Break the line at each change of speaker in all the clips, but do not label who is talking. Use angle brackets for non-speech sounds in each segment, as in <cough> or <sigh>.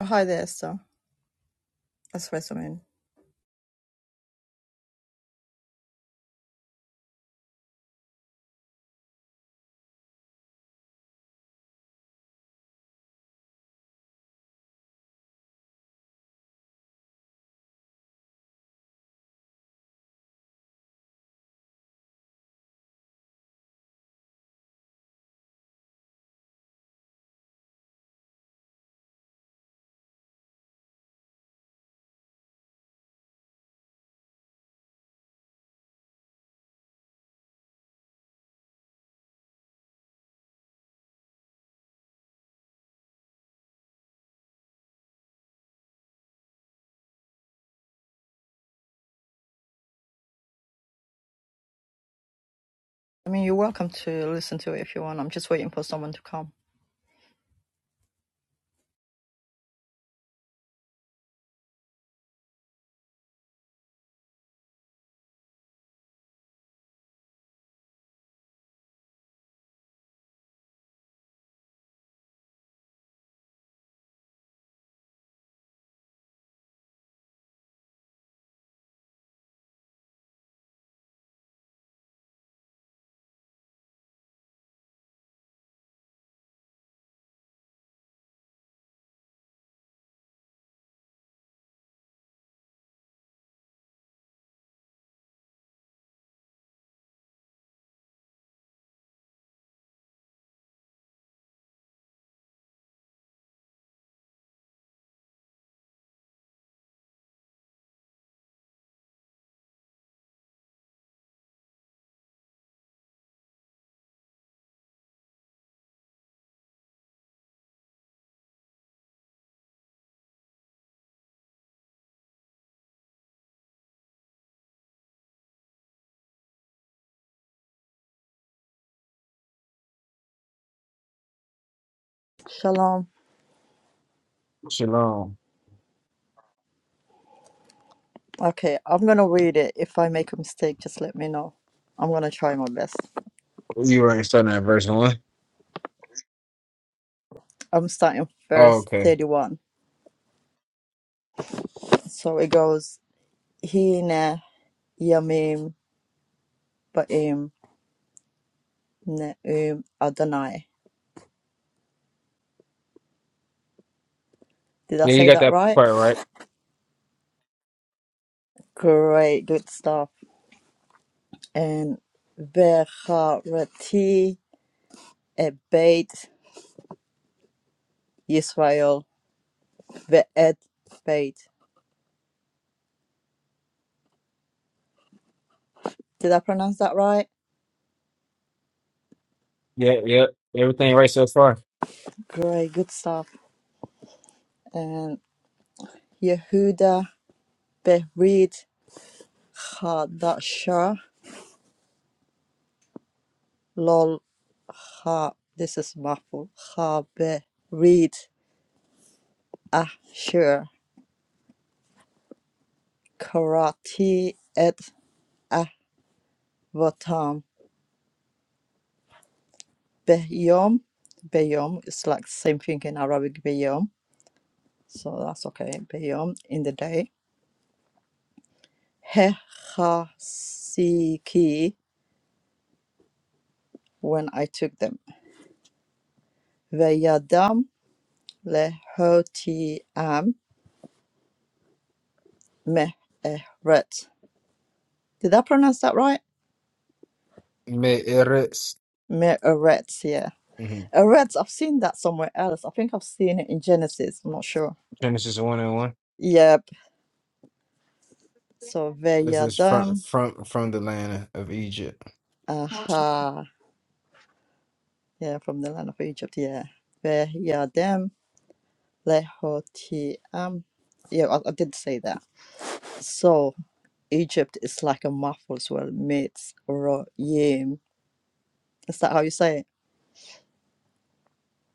Hi Hide esto, es resumen. I mean, you're welcome to listen to it if you want. I'm just waiting for someone to come. Shalom.
Shalom.
Okay, I'm gonna read it. If I make a mistake, just let me know. I'm gonna try my best.
You weren't starting at verse one.
I'm starting
Oh,
verse
okay.
31. So it goes, Hine Yamim Baim Neum Adonai. Did I
Yeah, you
say
got
that
that
right?
part right.
Great, good stuff. And Vecharati Ebeit Yisrael Ve'ed Beit. Did I pronounce that right?
Yeah, yeah. Everything right so far.
Great, good stuff. And Yehuda Berid Chadasha. Lol ha this is mouthful. Habe read Asher karate et avatam beyom. Beyom is like same thing in Arabic beyom, so that's okay. Beyom in the day. Hechasiki when I took them. Veyadam lehotiam meheret. Did I pronounce that right?
Mid Eretz.
Meheret, yeah.
hmm
Uh, Reds, I've seen that somewhere else. I think I've seen it in Genesis. I'm not sure.
Genesis one and one.
Yep. So
This is from
Veyadem.
from from the land of Egypt.
Aha. Yeah, from the land of Egypt. Yeah. Veyadem lehotiam. Yeah, I, I did say that. So Egypt is like a mouthful as well. mitz Royim. Is that how you say it?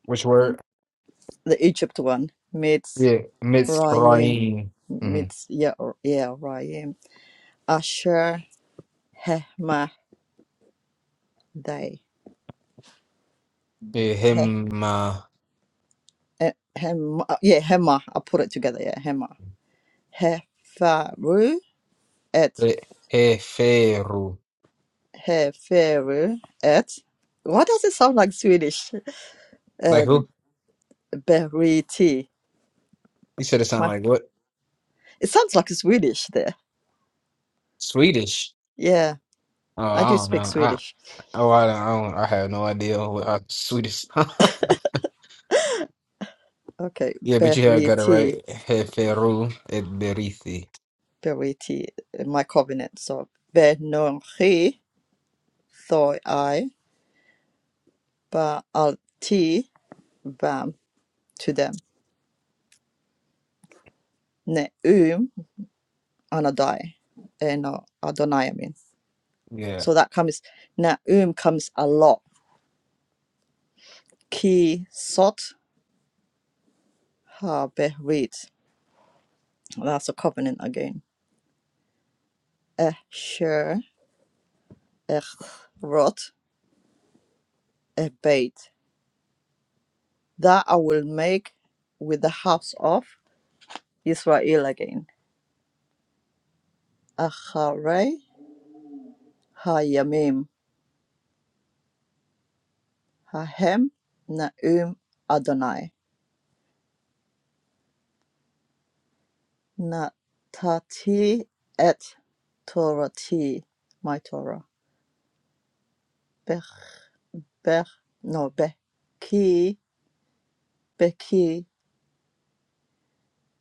Which word?
The Egypt one. Mitz
Yeah,
Royim.
Mitzrayim. Mm-hmm.
Meets yeah, or- yeah, Royim. Asher Hemah
Yeah, Hema-
eh, Hema, uh, yeah, Hema. I put it together, yeah, Hema. Hefaru at
Re- Heferu.
Heferu at. Why does it sound like Swedish? <laughs>
Like
Uh,
who?
Beriti.
You said it sounded
My-
like what?
It sounds like Swedish there.
Swedish.
Yeah,
Oh,
I
I
do
don't
speak
know. I
Swedish.
oh I don't, I, don't, I have no idea what uh, Swedish. <laughs>
Okay,
Yeah, but you had got it
Beriti,
right. Jeferu et Berithi.
Beriti, uh, my covenant. So Benonchi, thoi I, ba alti, bam to them. Neum, anadai, eno Adonai
Yeah.
So that comes, Naum comes a lot. Ki sot ha behrit. That's a covenant again. Esher echrot ebeit. That I will make with the house of Israel again. Acharei hayamim hahem naum Adonai. Natati et Torati. My Torah. Bech, bech, no, bech. Ki, beki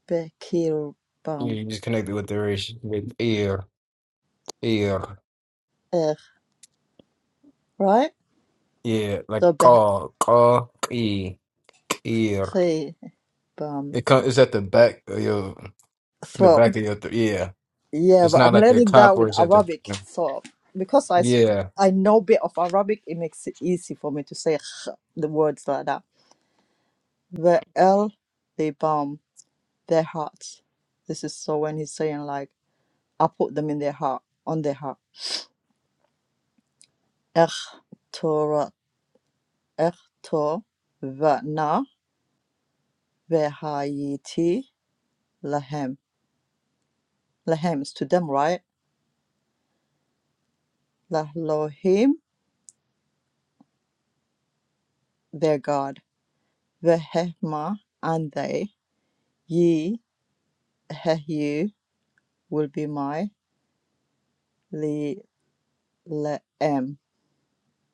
Beelzebub.
You just connected with the race with ear, ear.
Ugh, right?
Yeah, like
So Beelzebub.
call, call, e, ear. It comes, it's at the back of your, the
So
back of your, th yeah.
yeah,
It's
but I'm
not like the
learning
cop
that
where
with
it's at the,
Arabic. So because I s-
yeah,
I know a bit of Arabic, it makes it easy for me to say <laughs> the words like that. Beelzebub, their hearts. This is so when he's saying like, I put them in their heart, on their heart. Ech Torah, Ech Tor, Vana, Vehayiti, Lahem. Lahem is to them, right? the Elohim, their God, the Hema, and they, ye, Hehu, will be my li, le'em,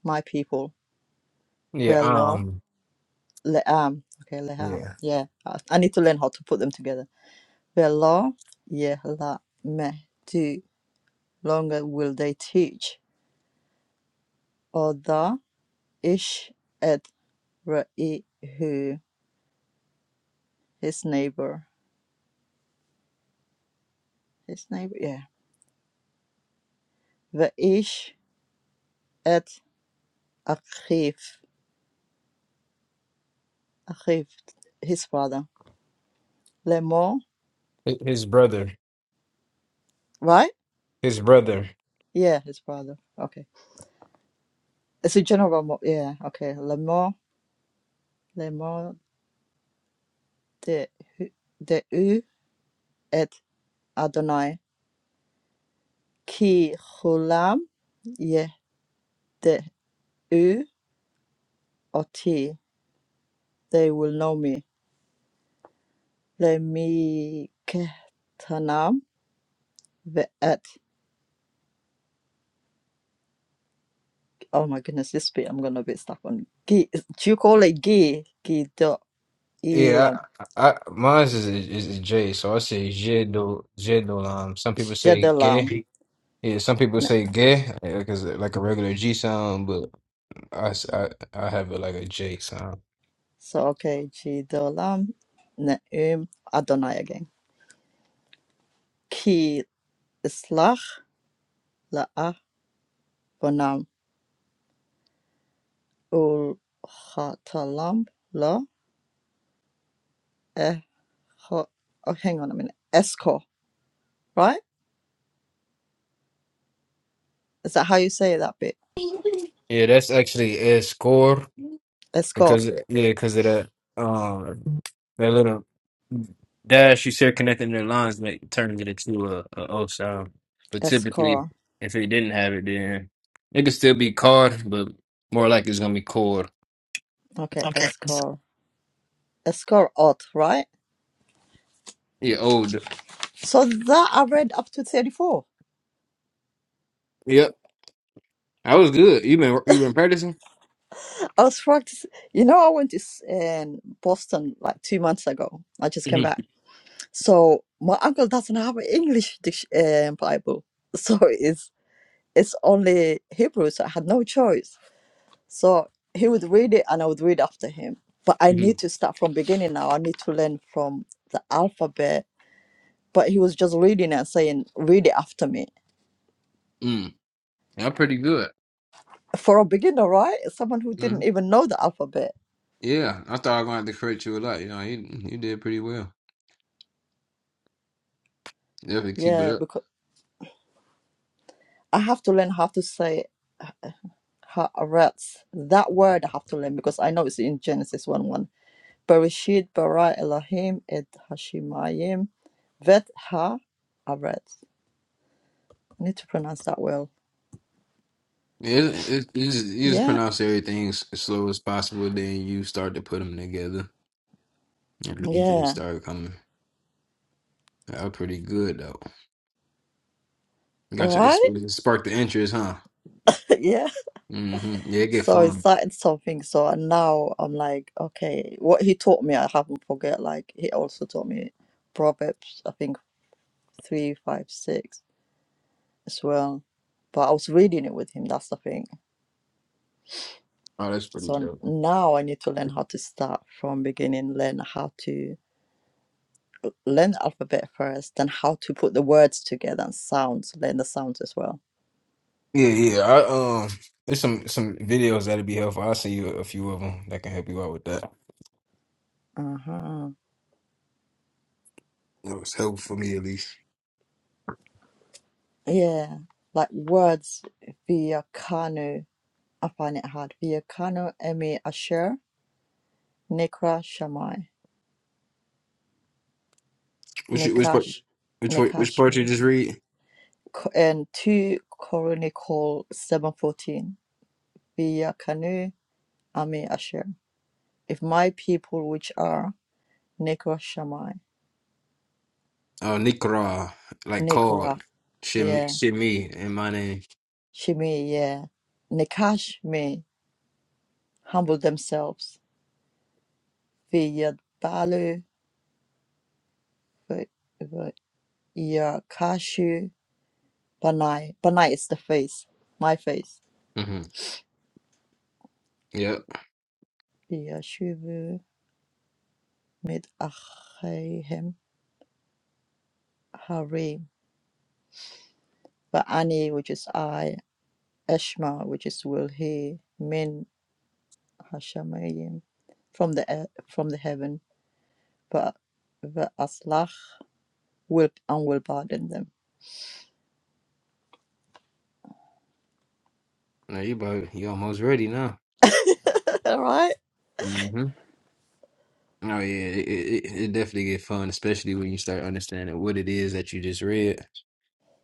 my people,
yeah,
velo,
um,
le'am, okay, le'am,
yeah.
yeah, I I need to learn how to put them together, velo, yehla, me, do, longer will they teach, oda, ish, et, raihu, his neighbor, his neighbor, yeah, the ish, et, akif, Achiv, his father. Lemor,
Hi- His brother,
right?
his brother.
Yeah, his father. Okay. It's a general, mo- yeah, okay. Lemor, Lemor de, hu- de u et Adonai. Ki hulam ye de u oti. They will know me. Lemi kehtanam ve et. Oh my goodness, this bit I'm gonna be stuck on. Gi, do you call it gi? Gi do
Yeah,
ilam.
I, I mine is, is, is J, so I say J do, J do, um, some people say
Shedalam.
gay. Yeah, some people say gay because like a regular G sound, but I, s- I, I have it like a J sound.
So okay, Jidolam Neum Adonai again. Ki Islach Laah Bonam Ul Hatalam La Eh Oh, hang on a minute. Eskor, right? Is that how you say that bit?
Yeah, that's actually escor
Eskor.
because yeah, because of that um that little dash you see connecting their lines, make turning it into a, a O sound. But typically,
Eskor.
if it didn't have it, then it could still be card, but more like it's gonna be cord.
Okay,
Okay.
Eskor. Eskor Ot, right?
Yeah, old.
So that I read up to 34.
Yep, I was good. You been you been practicing?
I was practicing. You know, I went to s- um, Boston like two months ago. I just came back So my uncle doesn't have an English dic- uh, Bible, so it's it's only Hebrew. So I had no choice. So he would read it, and I would read after him. But I
hmm
need to start from beginning now. I need to learn from the alphabet. But he was just reading and saying, "Read it after me."
hmm Yeah, pretty good.
For a beginner, right? Someone who
hmm
didn't even know the alphabet.
Yeah, I thought I was gonna have to correct you a lot. You know, you you did pretty well. Definitely keep it
Yeah,
up.
because I have to learn how to say haaretz. That word I have to learn because I know it's in Genesis 1-1 Bereshit bara Elohim et Hashemayim vet ha aretz. I need to pronounce that well.
Yeah, It, it, you, just, you just
Yeah,
pronounce everything as as slow as possible, then you start to put them together, and you should
yeah,
start coming out pretty good though. Got your it
right,
sparked the interest, huh?
<laughs> yeah.
hmm Yeah, it get
So I
fun.
started something. So and now I'm like, okay, what he taught me, I haven't forget. Like he also taught me Proverbs, I think three, five, six as well. But I was reading it with him. That's the thing.
Oh, that's pretty
So
dope.
now I need to learn how to start from beginning. Learn how to learn the alphabet first, then how to put the words together and sounds, learn the sounds as well.
Yeah, yeah. I um, there's some some videos that'd be helpful. I'll send you a few of them that can help you out with that.
Uh-huh.
It was helpful for me at least.
Yeah, like words via Kanu. I find it hard. Via Kanu, Emi Asher, Nekra Shamai,
Which which part?
Nekash,
Which part- which part you
Nekashmi,
just read?
Co- and 2 Chronicle 714. Via Kanu, Ami Asher. If my people, which are Nekra Shamai,
Oh, Nikra, like called
Nekra,
Shimmy,
yeah,
Shimmy in my name.
Shimi, yeah, Nekash humble themselves via Balu, via Kashu, Banai. Banai is the face, my face.
hmm Yep.
Via Shuvu, Mid Achayim, Harim, Ba'ani, which is I, Eshma, which is will he, Min Hashamayim, from the e- from the heaven, but the will and will pardon them.
Now you about you almost ready now.
<laughs> All right,
hmm Oh yeah, it, it, it it definitely get fun, especially when you start understanding what it is that you just read,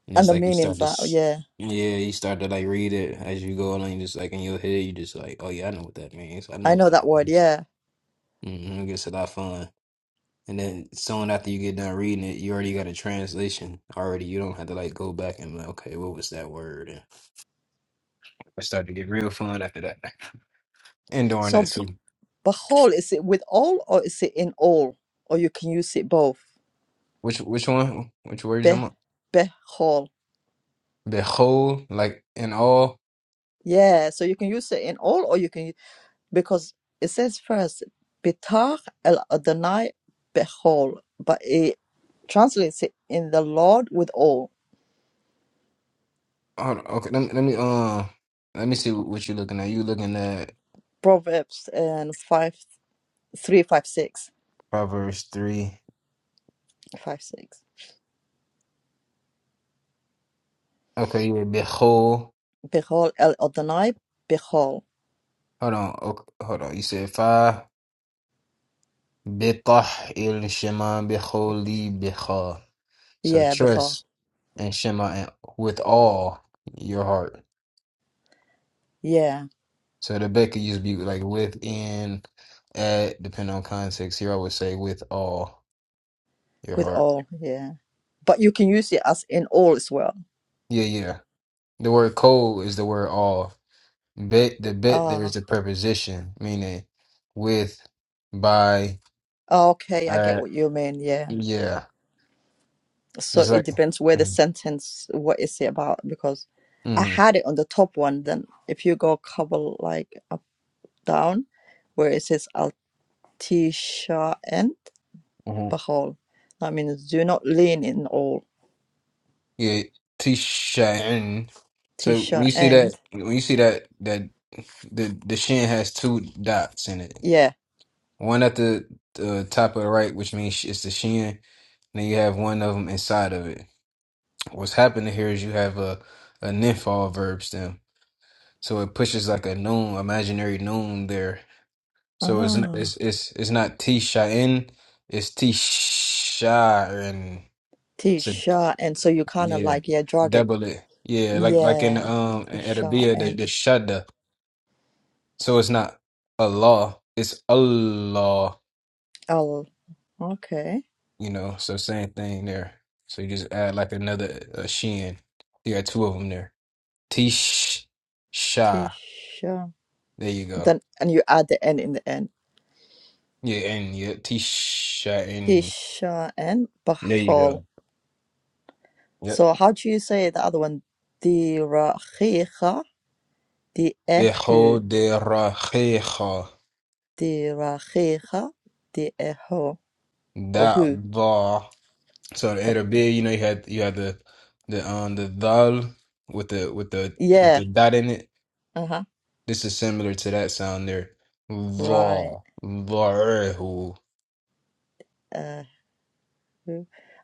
and
and
it's
the
like you start
meanings
to,
are
s-
yeah,
yeah, you start to like read it as you go along. You just like in your head, you just like, oh yeah, I know what that means. I know
I
what
know
that
that word,
means.
yeah.
hmm It gets a lot of fun. And then soon after you get done reading it, you already got a translation already. You don't have to like go back and like, okay, what was that word? It started to get real fun after that. And during that
So.
too.
But whole, is it with all or is it in all? Or you can use it both.
Which which one? Which words
Be,
I'm on?
be whole.
Behold, like in all.
Yeah, so you can use it in all or you can, because it says first, Bitar el Adonai behol, but it translates it in the Lord with all.
Hold on, okay, let me let me um let me see what you're looking at. You looking at
Proverbs and five, three, five, six,
Proverbs three.
five, six.
Okay, yeah, behold.
3, Behol el Adonai behol.
Hold on, okay, hold on. You said five. Betah il Shema beholi becha. So
Yeah, behol.
trust in Shema and with all your heart.
Yeah,
So the bet could just be like within, at, depending on context. Here I would say with all your
with
heart.
all. Yeah. But you can use it as in all as well.
Yeah, yeah. The word cold is the word all. Bet the bet
Ah.
there is a preposition meaning with, by,
Oh, okay, I get
at.
what you mean. Yeah.
Yeah,
So
just
it
like.
depends where the
Mm-hmm.
sentence, what is it about? Because I
Mm-hmm.
had it on the top one. Then if you go a couple like up down, where it says Altisha and
mm-hmm.
Bahol, that means do not lean in all.
Yeah, tishain. So when
Tisha
you see that,
and
when you see that, that the the shin has two dots in it.
yeah.
One at the, the top of the right, which means it's the shin, Then you have one of them inside of it. What's happening here is you have a, a nymph verb stem. So it pushes like a noon, imaginary noon there. So it's not,
Ah,
it's, it's, it's not T Shain, it's T Shain. So
Tisha and so you kind of
yeah,
like yeah drag it.
double it. Yeah, like like in
Yeah,
um in
Tisha
Arabia, the,
and
the Shada. So it's not Allah, it's Allah,
L. Okay,
you know. So same thing there. So you just add like another uh, Shin. You got two of them there. Tisha.
Tisha.
There you go.
Then and you add the N in the end.
Yeah, and yeah, Tisha and
Tisha and
there you
Bachol.
go. Yep.
So how do you say the other one? Dirachicha, Diehu,
Bihudirachicha
Dirachicha, Dieho, Ohu.
da'da. So the
The-
Arab, you know, you had you had the the um the dal with the with the with
Yeah,
the dot in it.
uh-huh,
This is similar to that sound there.
right.
Va varehu. <laughs>
Uh,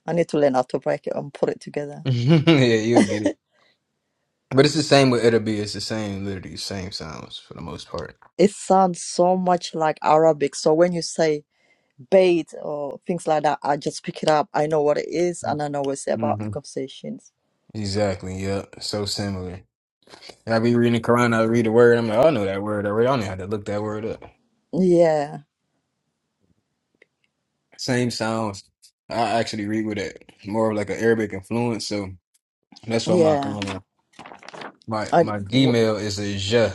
I need to learn how to break it and put it together.
Yeah, you'll get it. But it's the same with Arab. It's the same, literally same sounds for the most part.
It sounds so much like Arabic. So when you say bait or things like that, I just pick it up. I know what it is and I know what it's about the conversations.
Exactly. Yep. So similar. I be reading the Quran. I read a word. I'm like, "Oh, I know that word already. I don't even have to look that word up.
Yeah,
Same sounds. I actually read with it more of like an Arabic influence. So that's why my
yeah.
um, my
I,
my Gmail is a J.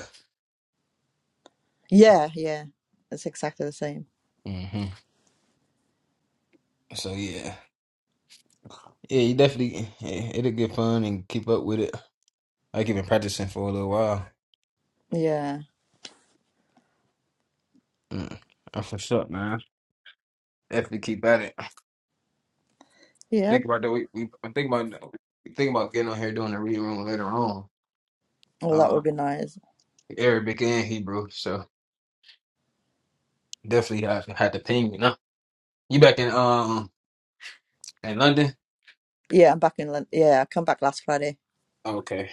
Yeah, yeah. It's exactly the same.
hmm So yeah, yeah. You definitely yeah, it'll get fun and keep up with it. I keep been practicing for a little while.
Yeah.
Mm. That's what's up, man. Definitely keep at it.
Yeah.
Think about that. We, we I'm thinking about think about getting on here doing the reading room later on.
Well, that
Uh,
would be nice.
Arabic and Hebrew, so definitely I had to ping you. Now you back in um in London?
Yeah, I'm back in London. Yeah, I come back last Friday.
Okay,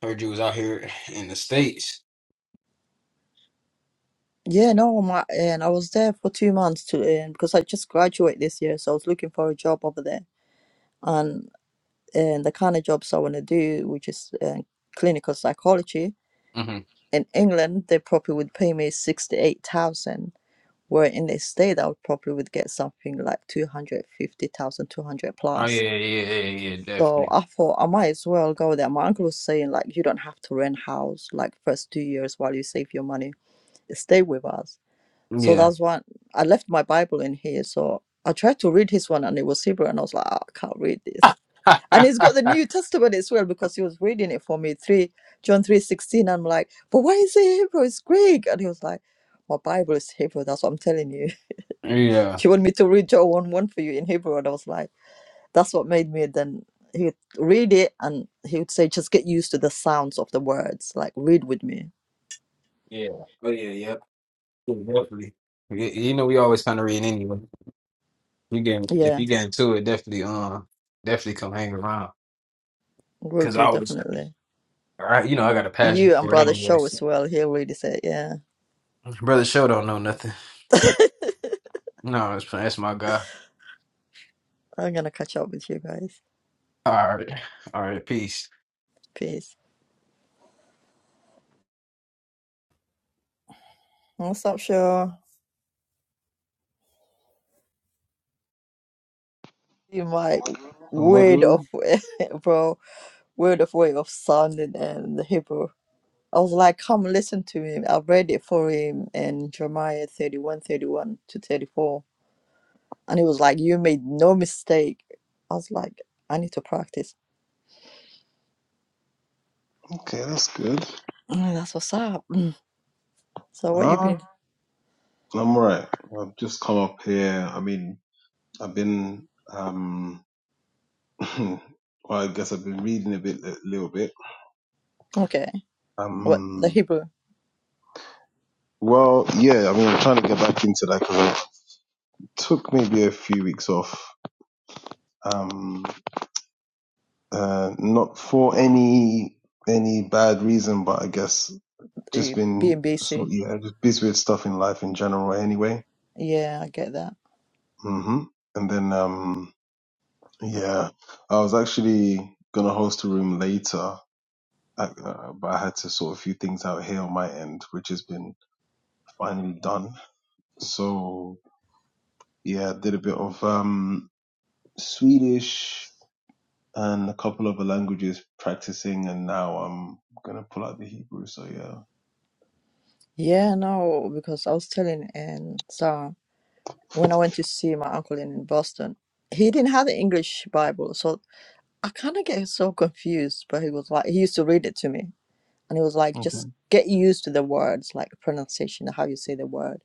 heard you was out here in the states.
Yeah, no, my, and I was there for two months to earn because I just graduate this year, so I was looking for a job over there. And and the kind of jobs I want to do, which is uh, clinical psychology
hmm
in England, they probably would pay me sixty eight thousand. Where in the state, I would probably would get something like 250,000, 200
Oh
plus
yeah, yeah, yeah, yeah, yeah,
So
definitely.
I thought I might as well go there. My uncle was saying like you don't have to rent house like first two years while you save your money. Stay with us. So
Yeah.
that's why I left my Bible in here. So I tried to read his one and it was Hebrew and I was like, "Ah, I can't read this. And
<laughs>
he's got the New Testament as well because he was reading it for me, three John three sixteen. I'm like, but why is it Hebrew? It's Greek. And he was like, My Bible is Hebrew, that's what I'm telling you. <laughs> Do
yeah.
you want me to read John one one for you in Hebrew? And I was like, that's what made me then he would read it and he would say just get used to the sounds of the words like read with me
Yeah. Oh yeah, yep. Yeah, definitely. You, you know we always kind of read anyway. You get if
yeah
you get into it, definitely um definitely come hang around
will
because I
do
always.
definitely
All right, you know I got a passion
you and
for it
brother
anyway.
show
so.
as well he'll really say yeah
Brother Show don't know nothing. No, that's that's my guy.
i'm gonna catch up with you guys
All right. All right. Peace.
peace what's up show you might weird of
Amadu.
way <laughs> bro weird of way of sounding and the hebrew i was like come listen to him i read it for him in jeremiah 31 31 to 34 And he was like, You made no mistake. I was like, I need to practice.
Okay, that's good.
Mm, that's what's up. So what you
Ah,
been
I'm all right. I've just come up here. I mean, I've been, um, <laughs> <clears throat> well, I guess I've been reading a bit, a little bit.
okay. What the
Um,
Hebrew
well, yeah, I mean, I'm trying to get back into that because it took maybe a few weeks off. Um, uh, not for any, any bad reason, but I guess just
the
been, so,
BMBC.
yeah, just busy with stuff in life in general anyway.
Yeah, I get that.
hmm And then, um, Yeah, I was actually gonna host a room later, uh, uh, but I had to sort a few things out here on my end, which has been finally done. So yeah, did a bit of um Swedish and a couple other languages practicing, and now I'm gonna pull out the Hebrew. So yeah,
Yeah, no, because I was telling and Sarah when I went to see my uncle in Boston, he didn't have the English Bible, so I kinda get so confused, but he was like he used to read it to me and he was like,
okay,
just get used to the words, like pronunciation, how you say the word.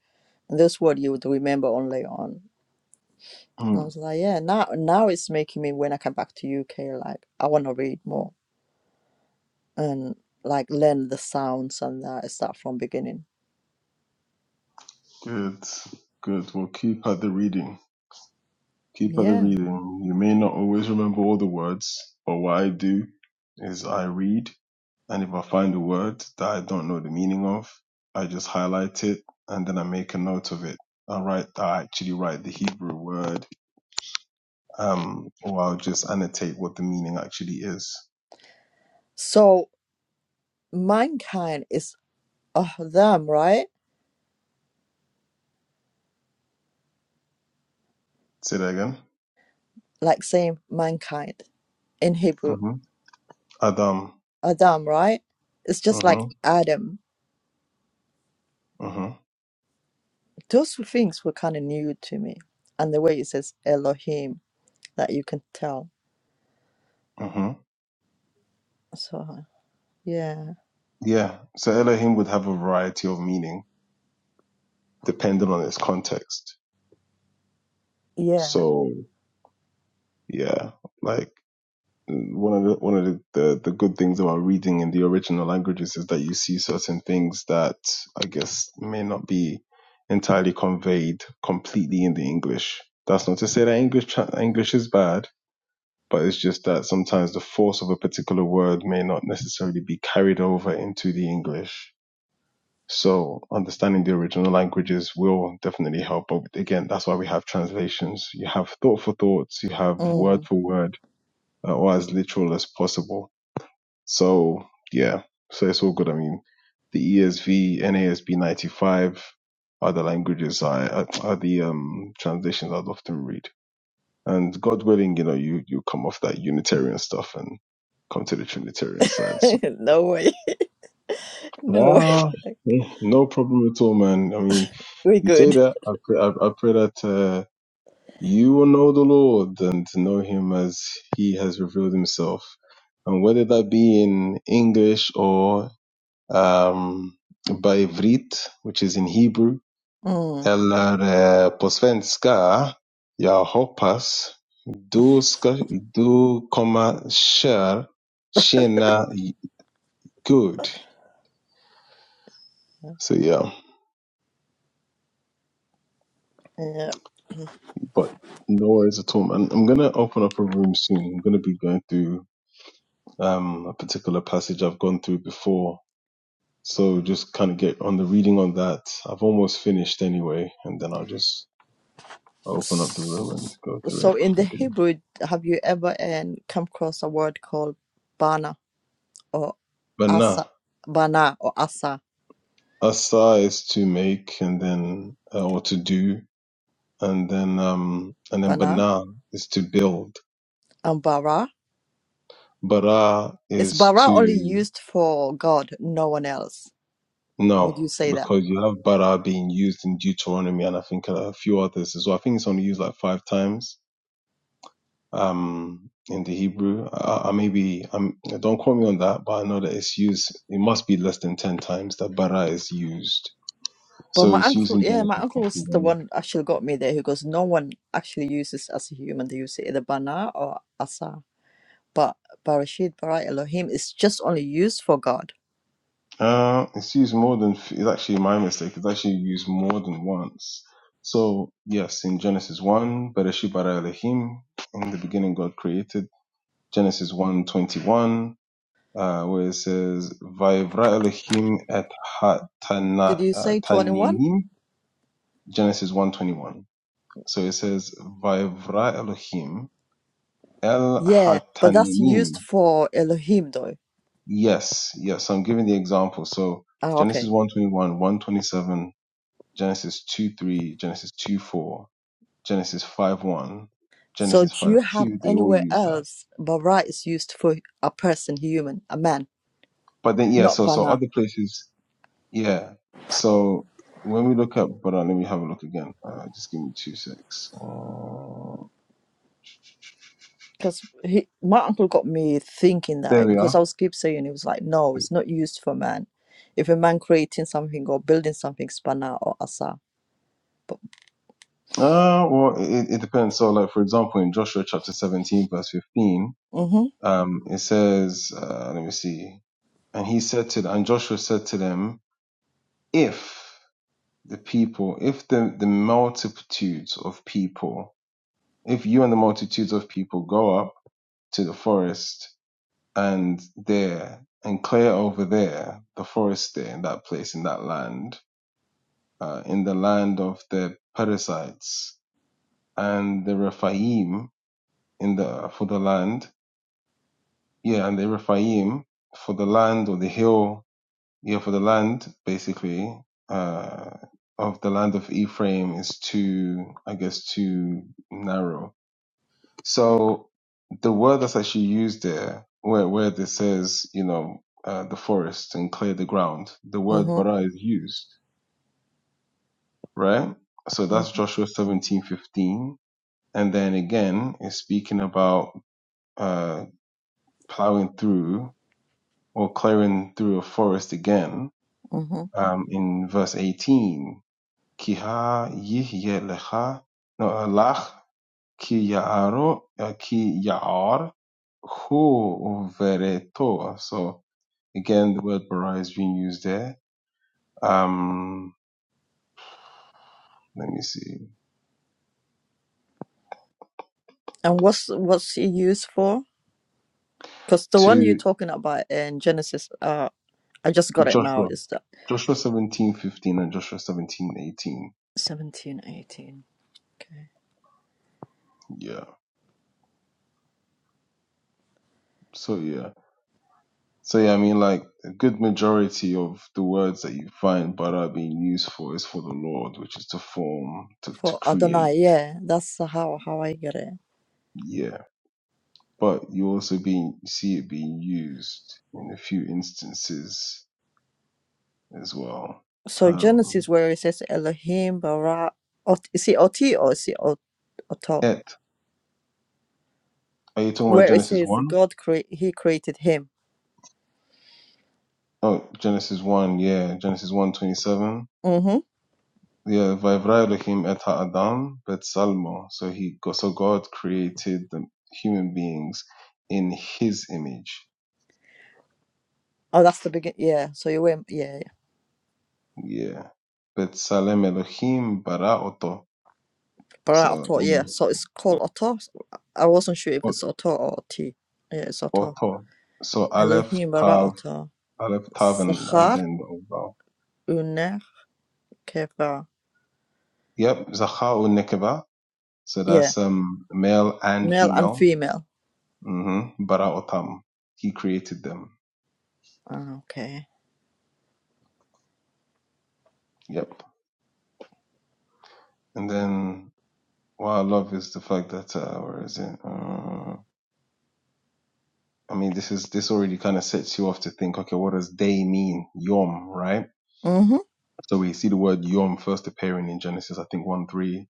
And this word you would remember only on. And I
Mm,
was like, yeah, now now it's making me when I come back to UK, like I want to read more and like learn the sounds and that start from beginning.
good, good. Well, keep at the reading. Keep at the
Yeah.
reading. You may not always remember all the words, but what I do is I read And if I find a word that I don't know the meaning of, I just highlight it and then I make a note of it. I write, I actually write the Hebrew word, um, or I'll just annotate what the meaning actually is.
So mankind is Adam, right?
Say that again.
Like saying mankind in Hebrew,
hmm Adam.
Adam, right? It's just
hmm
like Adam.
hmm
Those things were kind of new to me, and the way it says Elohim that you can tell.
hmm
So yeah,
Yeah. So Elohim would have a variety of meaning depending on its context.
yeah.
So yeah, like one of the one of the, the the good things about reading in the original languages is that you see certain things that I guess may not be entirely conveyed completely in the English. That's not to say that English tra- English is bad, but it's just that sometimes the force of a particular word may not necessarily be carried over into the English. So understanding the original languages will definitely help. But again, that's why we have translations. You have thought for thoughts, you have word
Mm.
for word, uh, or as literal as possible so yeah, so it's all good. I mean, the ESV and 95 are the languages I are, are the um translations I'd often read. And God willing, you know, you you come off that Unitarian stuff and come to the Trinitarian side. So
<laughs> no way, <laughs> no
ah,
way.
eh, no problem at all, man. I mean,
Very
you say
good.
that I pray, I, I pray that uh, you will know the Lord and know Him as He has revealed Himself. And whether that be in English or um, by Vrit, which is in Hebrew,
Mm,
eller eh, på svenska, jag hoppas du ska, du kommer kär, känna good. So yeah,
yeah.
but no worries at all, man. I'm gonna open up a room soon. I'm gonna be going through um, a particular passage I've gone through before. So just kind of get on the reading on that. I've almost finished anyway, and then I'll just open up the room and
S-
go through
So
it
in the
again.
Hebrew, have you ever um, come across a word called bana or
But nah,
asa, bana or asa,
asa is to make and then uh, or to do, and then um and then
bana
bana is to build.
and bara?
Bara
Is
is
bara only
to
used for God, no one else? Would
no,
you say that?
because you have bara being used in Deuteronomy and I think a few others as well. I think it's only used like five times um in the Hebrew. I, I maybe I'm don't quote me on that, but I know that it's used. It must be less than ten times that bara is used.
But
So
my
it's used
uncle,
in
yeah, my
Genesis
uncle
chapter
was the
one.
one actually got me there. He goes, no one actually uses as a human. They use either bana or asa. But Barashid, Bara, Elohim is just only used for God.
Uh, it's used more than it's actually my mistake. It's actually used more than once. So yes, in Genesis one, Bereshit bara Elohim. In the beginning, God created. Genesis one twenty one, uh, where it says Vayivra Elohim et ha
Did
tana-
you
uh,
say 21?
taninim. Genesis one twenty one. So it says Vayivra Elohim el
Yeah, but that's
hataninim.
used for Elohim though.
Yes, yes. so I'm giving the example. So
Ah,
Genesis
okay.
121, 127, Genesis 2 3, Genesis 2 4, Genesis 5 1,
So do
Genesis 5
you have
2, they all
anywhere
use that.
else Bara is used for a person, human, a man,
But then, yeah,
not
so, so
bana?
other places, yeah. So when we look at, but uh, let me have a look again. Uh, just give me two six. Uh,
Because he, my uncle got me thinking
there
that
we
because
are.
I was keep saying he was like, no, it's not used for man. If a man creating something or building something, it's bana or asa. But
Uh, well, it, it depends. So, like, for example, in Joshua chapter 17, verse 15,
mhm,
um, it says, uh, let me see. And he said to, and Joshua said to them, if the people, if the, the multitudes of people, if you and the multitudes of people go up to the forest and there and clear over there the forest there in that place in that land, uh, in the land of the Perizzites and the Rephaim in the for the land, yeah, and the Rephaim for the land or the hill yeah, for the land, basically, uh, of the land of Ephraim is too, I guess, too narrow. So the word that's actually used there, where where this says, you know, uh, the forest and clear the ground, the word
mhm,
bara is used, right? So
mhm,
that's Joshua seventeen fifteen, and then again, it's speaking about uh, plowing through or clearing through a forest again
mhm.
um, in verse 18 Kiha-yih-Yelha no eh, lach ki yaaro, uh, ki yaar hu vereto. So again, the word bara is being used there. Um, let me see.
And what's what's he used for? Because the one you're
To
talking about in Genesis, uh, I just got it now.
Joshua,
Is that?
Joshua seventeen fifteen and Joshua seventeen eighteen.
17, 18. Okay.
Yeah. So yeah. So yeah, I mean, like a good majority of the words that you find bara being used for is for the Lord, which is to form, to to
for
create.
Adonai. Yeah, that's how how I get it.
Yeah. but you also being see it being used in a few instances as well.
So
Um,
Genesis where it says Elohim bara ot, is it ot or is it ot, oto?
yet, are you talking about
Where it
Genesis
says
one?
God create he created him.
Oh, Genesis one, yeah, Genesis one twenty seven.
Mm-hmm.
Yeah, Vayivra Elohim et haadam betzalmo. So he, so God created the human beings in His image.
Oh, that's the begin. Yeah. So you went. Yeah. yeah.
Yeah, betzalem Elohim bara oto.
Bara
So
oto. Yeah.
in
So it's called oto. So I wasn't sure if it's oto or ot. Yeah, it's oto.
oto. So Aleph
Elohim bara
Tav
oto.
I left Tav and, and
Sachar
then the overall.
unech keva.
Yep, Zacha and Nekeba. So
Yeah.
that's um male and
Male and
female.
female.
Mm-hmm. Bara Otam. He created them.
Ah, okay.
Yep. And then what I love is the fact that uh, where is it? Uh, I mean, this is this already kind of sets you off to think. Okay, what does day mean? Yom, right?
Mm-hmm.
So we see the word yom first appearing in Genesis, I think one three,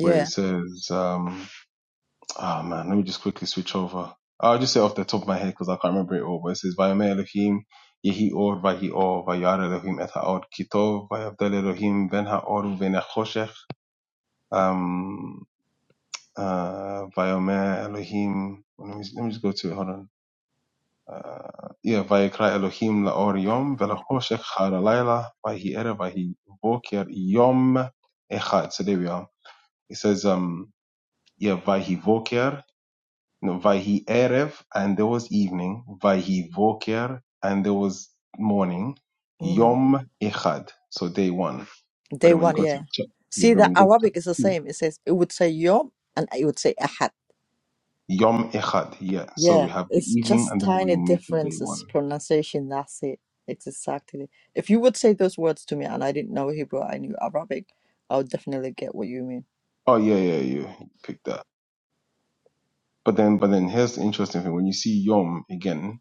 where it says. um. Ah man, let me just quickly switch over. I'll just say off the top of my head because I can't remember it all. But it says, "Vayame Elohim yehi or vahi or vayar Elohim et haor kitov vayavdel Elohim ben haor uven hachoshech." Um, uh, Vayame Elohim. well, Let me let me just go to it. Hold on. Uh, yeah, Vayikra Elohim laor yom velachoshech har alayla vahi erev vahi voker yom echad. So there we are. It says, um, yeah, vahi voker. No, Vayhi Erev, and there was evening. Vayhi Voker, and there was morning.
hmm
Yom Echad, so day one. But
Day
then when you
one,
go to
yeah.
chap- yeah,
See,
but then
the
when you go to
Arabic
chapter
is the
two,
same. It says it would say Yom and it would say Ahad.
Yom Echad, yeah. So we
Yeah,
have the
it's
evening
just
and the
tiny
morning making day one.
differences pronunciation. That's it. It's exactly. If you would say those words to me and I didn't know Hebrew, I knew Arabic, I would definitely get what you mean.
Oh yeah, yeah, yeah, you picked that. But then, but then here's the interesting thing: when you see Yom again,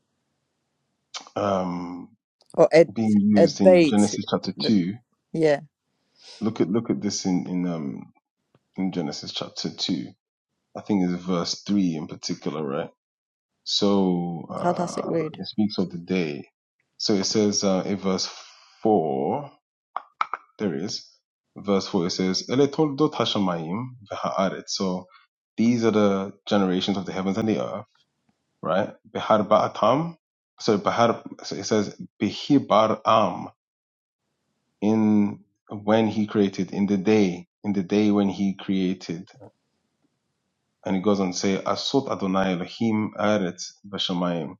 um,
Or Ed
being
Ed
used in
Bait.
Genesis chapter
The-
two,
Yeah.
look at look at this in in um in Genesis chapter two. I think it's verse three in particular, right? So
How does it
uh,
read?
it speaks of the day. So it says uh, in verse 4, there it is, verse 4, it says, "Ele toldot hashamayim v'ha'aretz." So these are the generations of the heavens and the earth, right? Behar ba'atam. So, behar, so it says, Bihibar am, in when he created, in the day, in the day when he created. And it goes on to say, Asot Adonai Elohim aretz v'shamayim.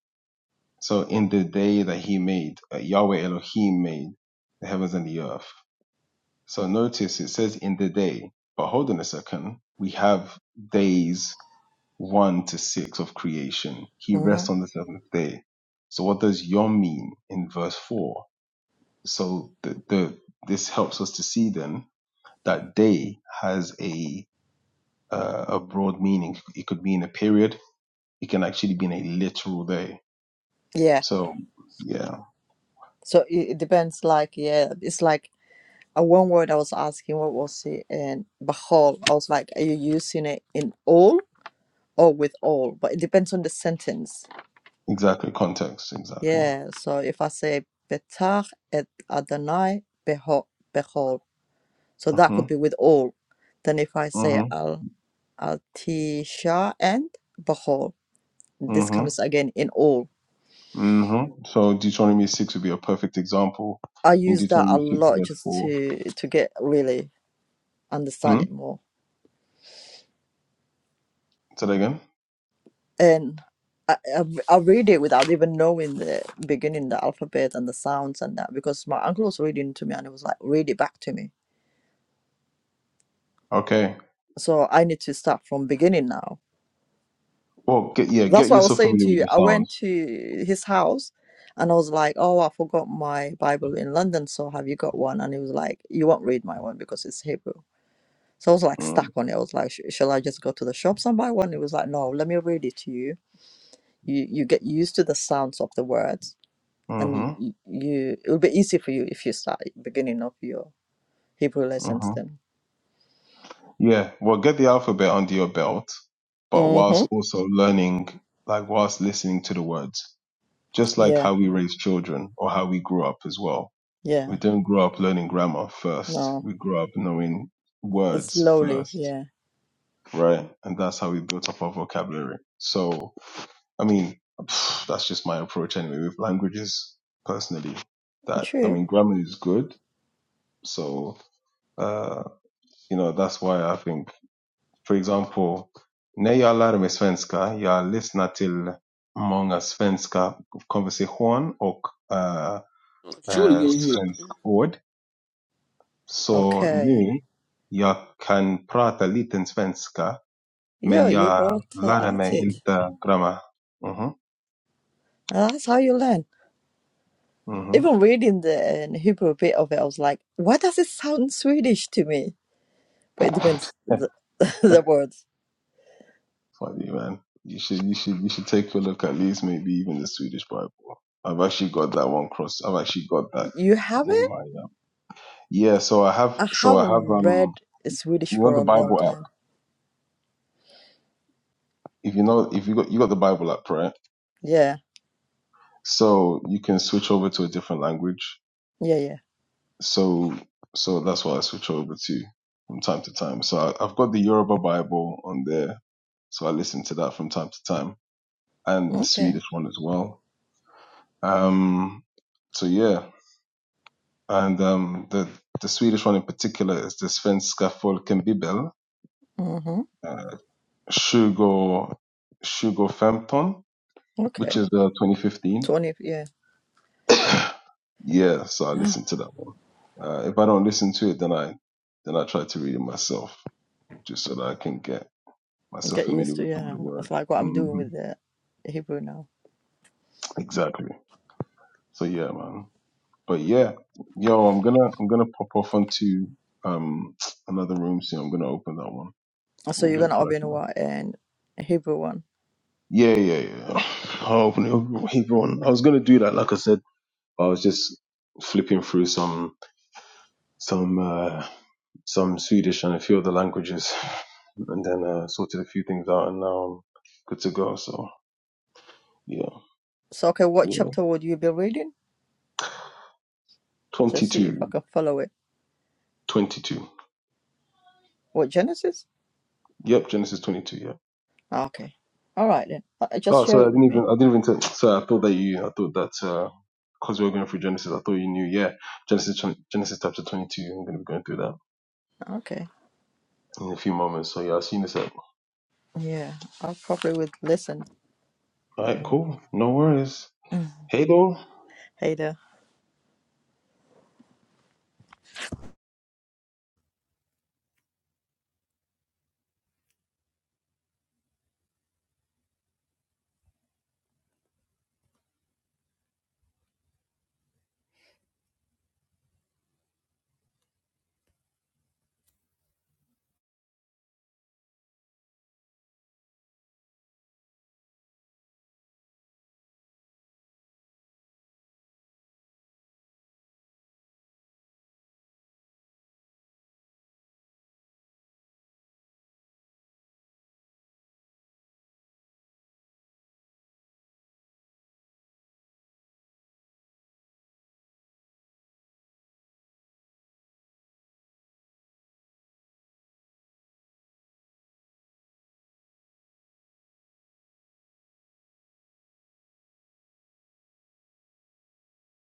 So in the day that he made, uh, Yahweh Elohim made the heavens and the earth. So notice it says in the day, but hold on a second. We have days one to six of creation. He
hmm
rests on the seventh day. So what does Yom mean in verse four? So the, the this helps us to see then that day has a uh, a broad meaning. It could mean a period. It can actually mean a literal day.
Yeah.
So yeah.
So it, it depends. Like yeah, it's like. a One word I was asking, what was it? And Bahol, I was like, are you using it in all or with all, but it depends on the sentence.
Exactly, context, exactly.
Yeah. So if I say betach et Adonai beho- bechol, so that
hmm
could be with all. Then if I say
hmm
al al tisha and bechol, this
hmm
comes again in all.
hmm So Deuteronomy 6 would be a perfect example
I
in
use that a
Deuteronomy 6
lot
verse
just
4.
to to get really understand
Hmm?
it more.
Say that again?
And I, I, I read it without even knowing the beginning, the alphabet and the sounds and that because my uncle was reading to me and he was like, read it back to me
Okay.
so i need to start from beginning now
Well, get, yeah, get
that's what i was
yourself
saying
familiar
to
with
you
the
i went
sounds.
to his house and i was like oh i forgot my bible in london so have you got one and he was like you won't read my one because it's hebrew so i was like
Mm-hmm.
stuck on it i was like "Sh- shall i just go to the shops and buy one he was like no let me read it to you you you get used to the sounds of the words and you, you you- it will be easy for you if you start beginning of your hebrew
mm-hmm,
lessons then
Yeah, well, get the alphabet under your belt, but
mm-hmm.
whilst also learning, like whilst listening to the words, just like
yeah
how we raise children or how we grew up as well. We
yeah
don't grow up learning grammar first.
no
We grow up knowing words
slowly
first,
yeah
right? And that's how we built up our vocabulary. So, I mean, <sighs> that's just my approach anyway with languages personally. That, I
true
mean, grammar is good. So, uh, you know, that's why I think For example, när jag lärde mig svenska, jag lyssnade till många svenska konversation och eh,
Shoot
eh,
again here.
svenska ord. Så
Okay.
nu jag kan prata lite svenska, men
Yeah, you
jag
both uh,
lärde
at
mig
it.
inte grammar. Mhm,
And That's how you learn.
mhm.
Even reading the uh, Hebrew bit of it, I was like, why does it sound Swedish to me? But it depends the, <laughs> the words.
Funny man. You should, you should, you should take a look at least maybe even the Swedish Bible. I've actually got that one cross. I've actually got that
You have
in
it?
my um, yeah. So I have,
I
so I have
haven't
um,
read Swedish
you know
for
the
a long
Bible app.
time.
if you know if you got you got the Bible app, right?
Yeah,
So you can switch over to a different language.
yeah, yeah.
So so that's what I switch over to from time to time. So I, I've got the Yoruba Bible on there, so I listen to that from time to time, and the
Okay.
Swedish one as well. Um, so yeah, and um, the the Swedish one in particular is the Svenska Folkenbibel,
Mm-hmm.
uh, Shugo Shugo Femton, which
Okay.
is uh, 2015
20, yeah.
<coughs> Yeah, so I
Ah,
listened to that one. Uh, if I don't listen to it, then I then I try to read it myself, just so that I can get myself
Get
familiar
used to,
with some of
yeah.
the
It's
words.
like what I'm
hmm
doing with the Hebrew now.
Exactly. So yeah, man. But yeah, yo, I'm gonna I'm gonna pop off onto um another room soon. I'm gonna open that one.
So
We'll
you're
get
going to open
cracking.
what and Hebrew one.
Yeah, yeah, yeah. <sighs> I'll open it. up with Everyone. I was gonna do that, like I said. I was just flipping through some some. uh some Swedish and a few other languages, and then uh, sorted a few things out, and now I'm good to go. So yeah,
So, okay, what
yeah,
chapter would you be reading? So let's see if
twenty-two,
I can follow it.
twenty-two.
What Genesis?
Yep, Genesis 22. Yeah.
Ah, Okay. All right then. Uh, uh, Just
Oh,
share
sorry, I
it
didn't
with
even
me.
I didn't even tell. Sorry, I thought that you. I thought that because uh, we were going through Genesis, I thought you knew. Yeah, Genesis Genesis chapter 22. I'm going to be going through that
Ah, Okay.
in a few moments. So yeah, I'll see you in a sec.
Yeah, I probably would listen.
All right,
Mm.
cool. No worries.
<sighs>
Hey, though.
Hey there.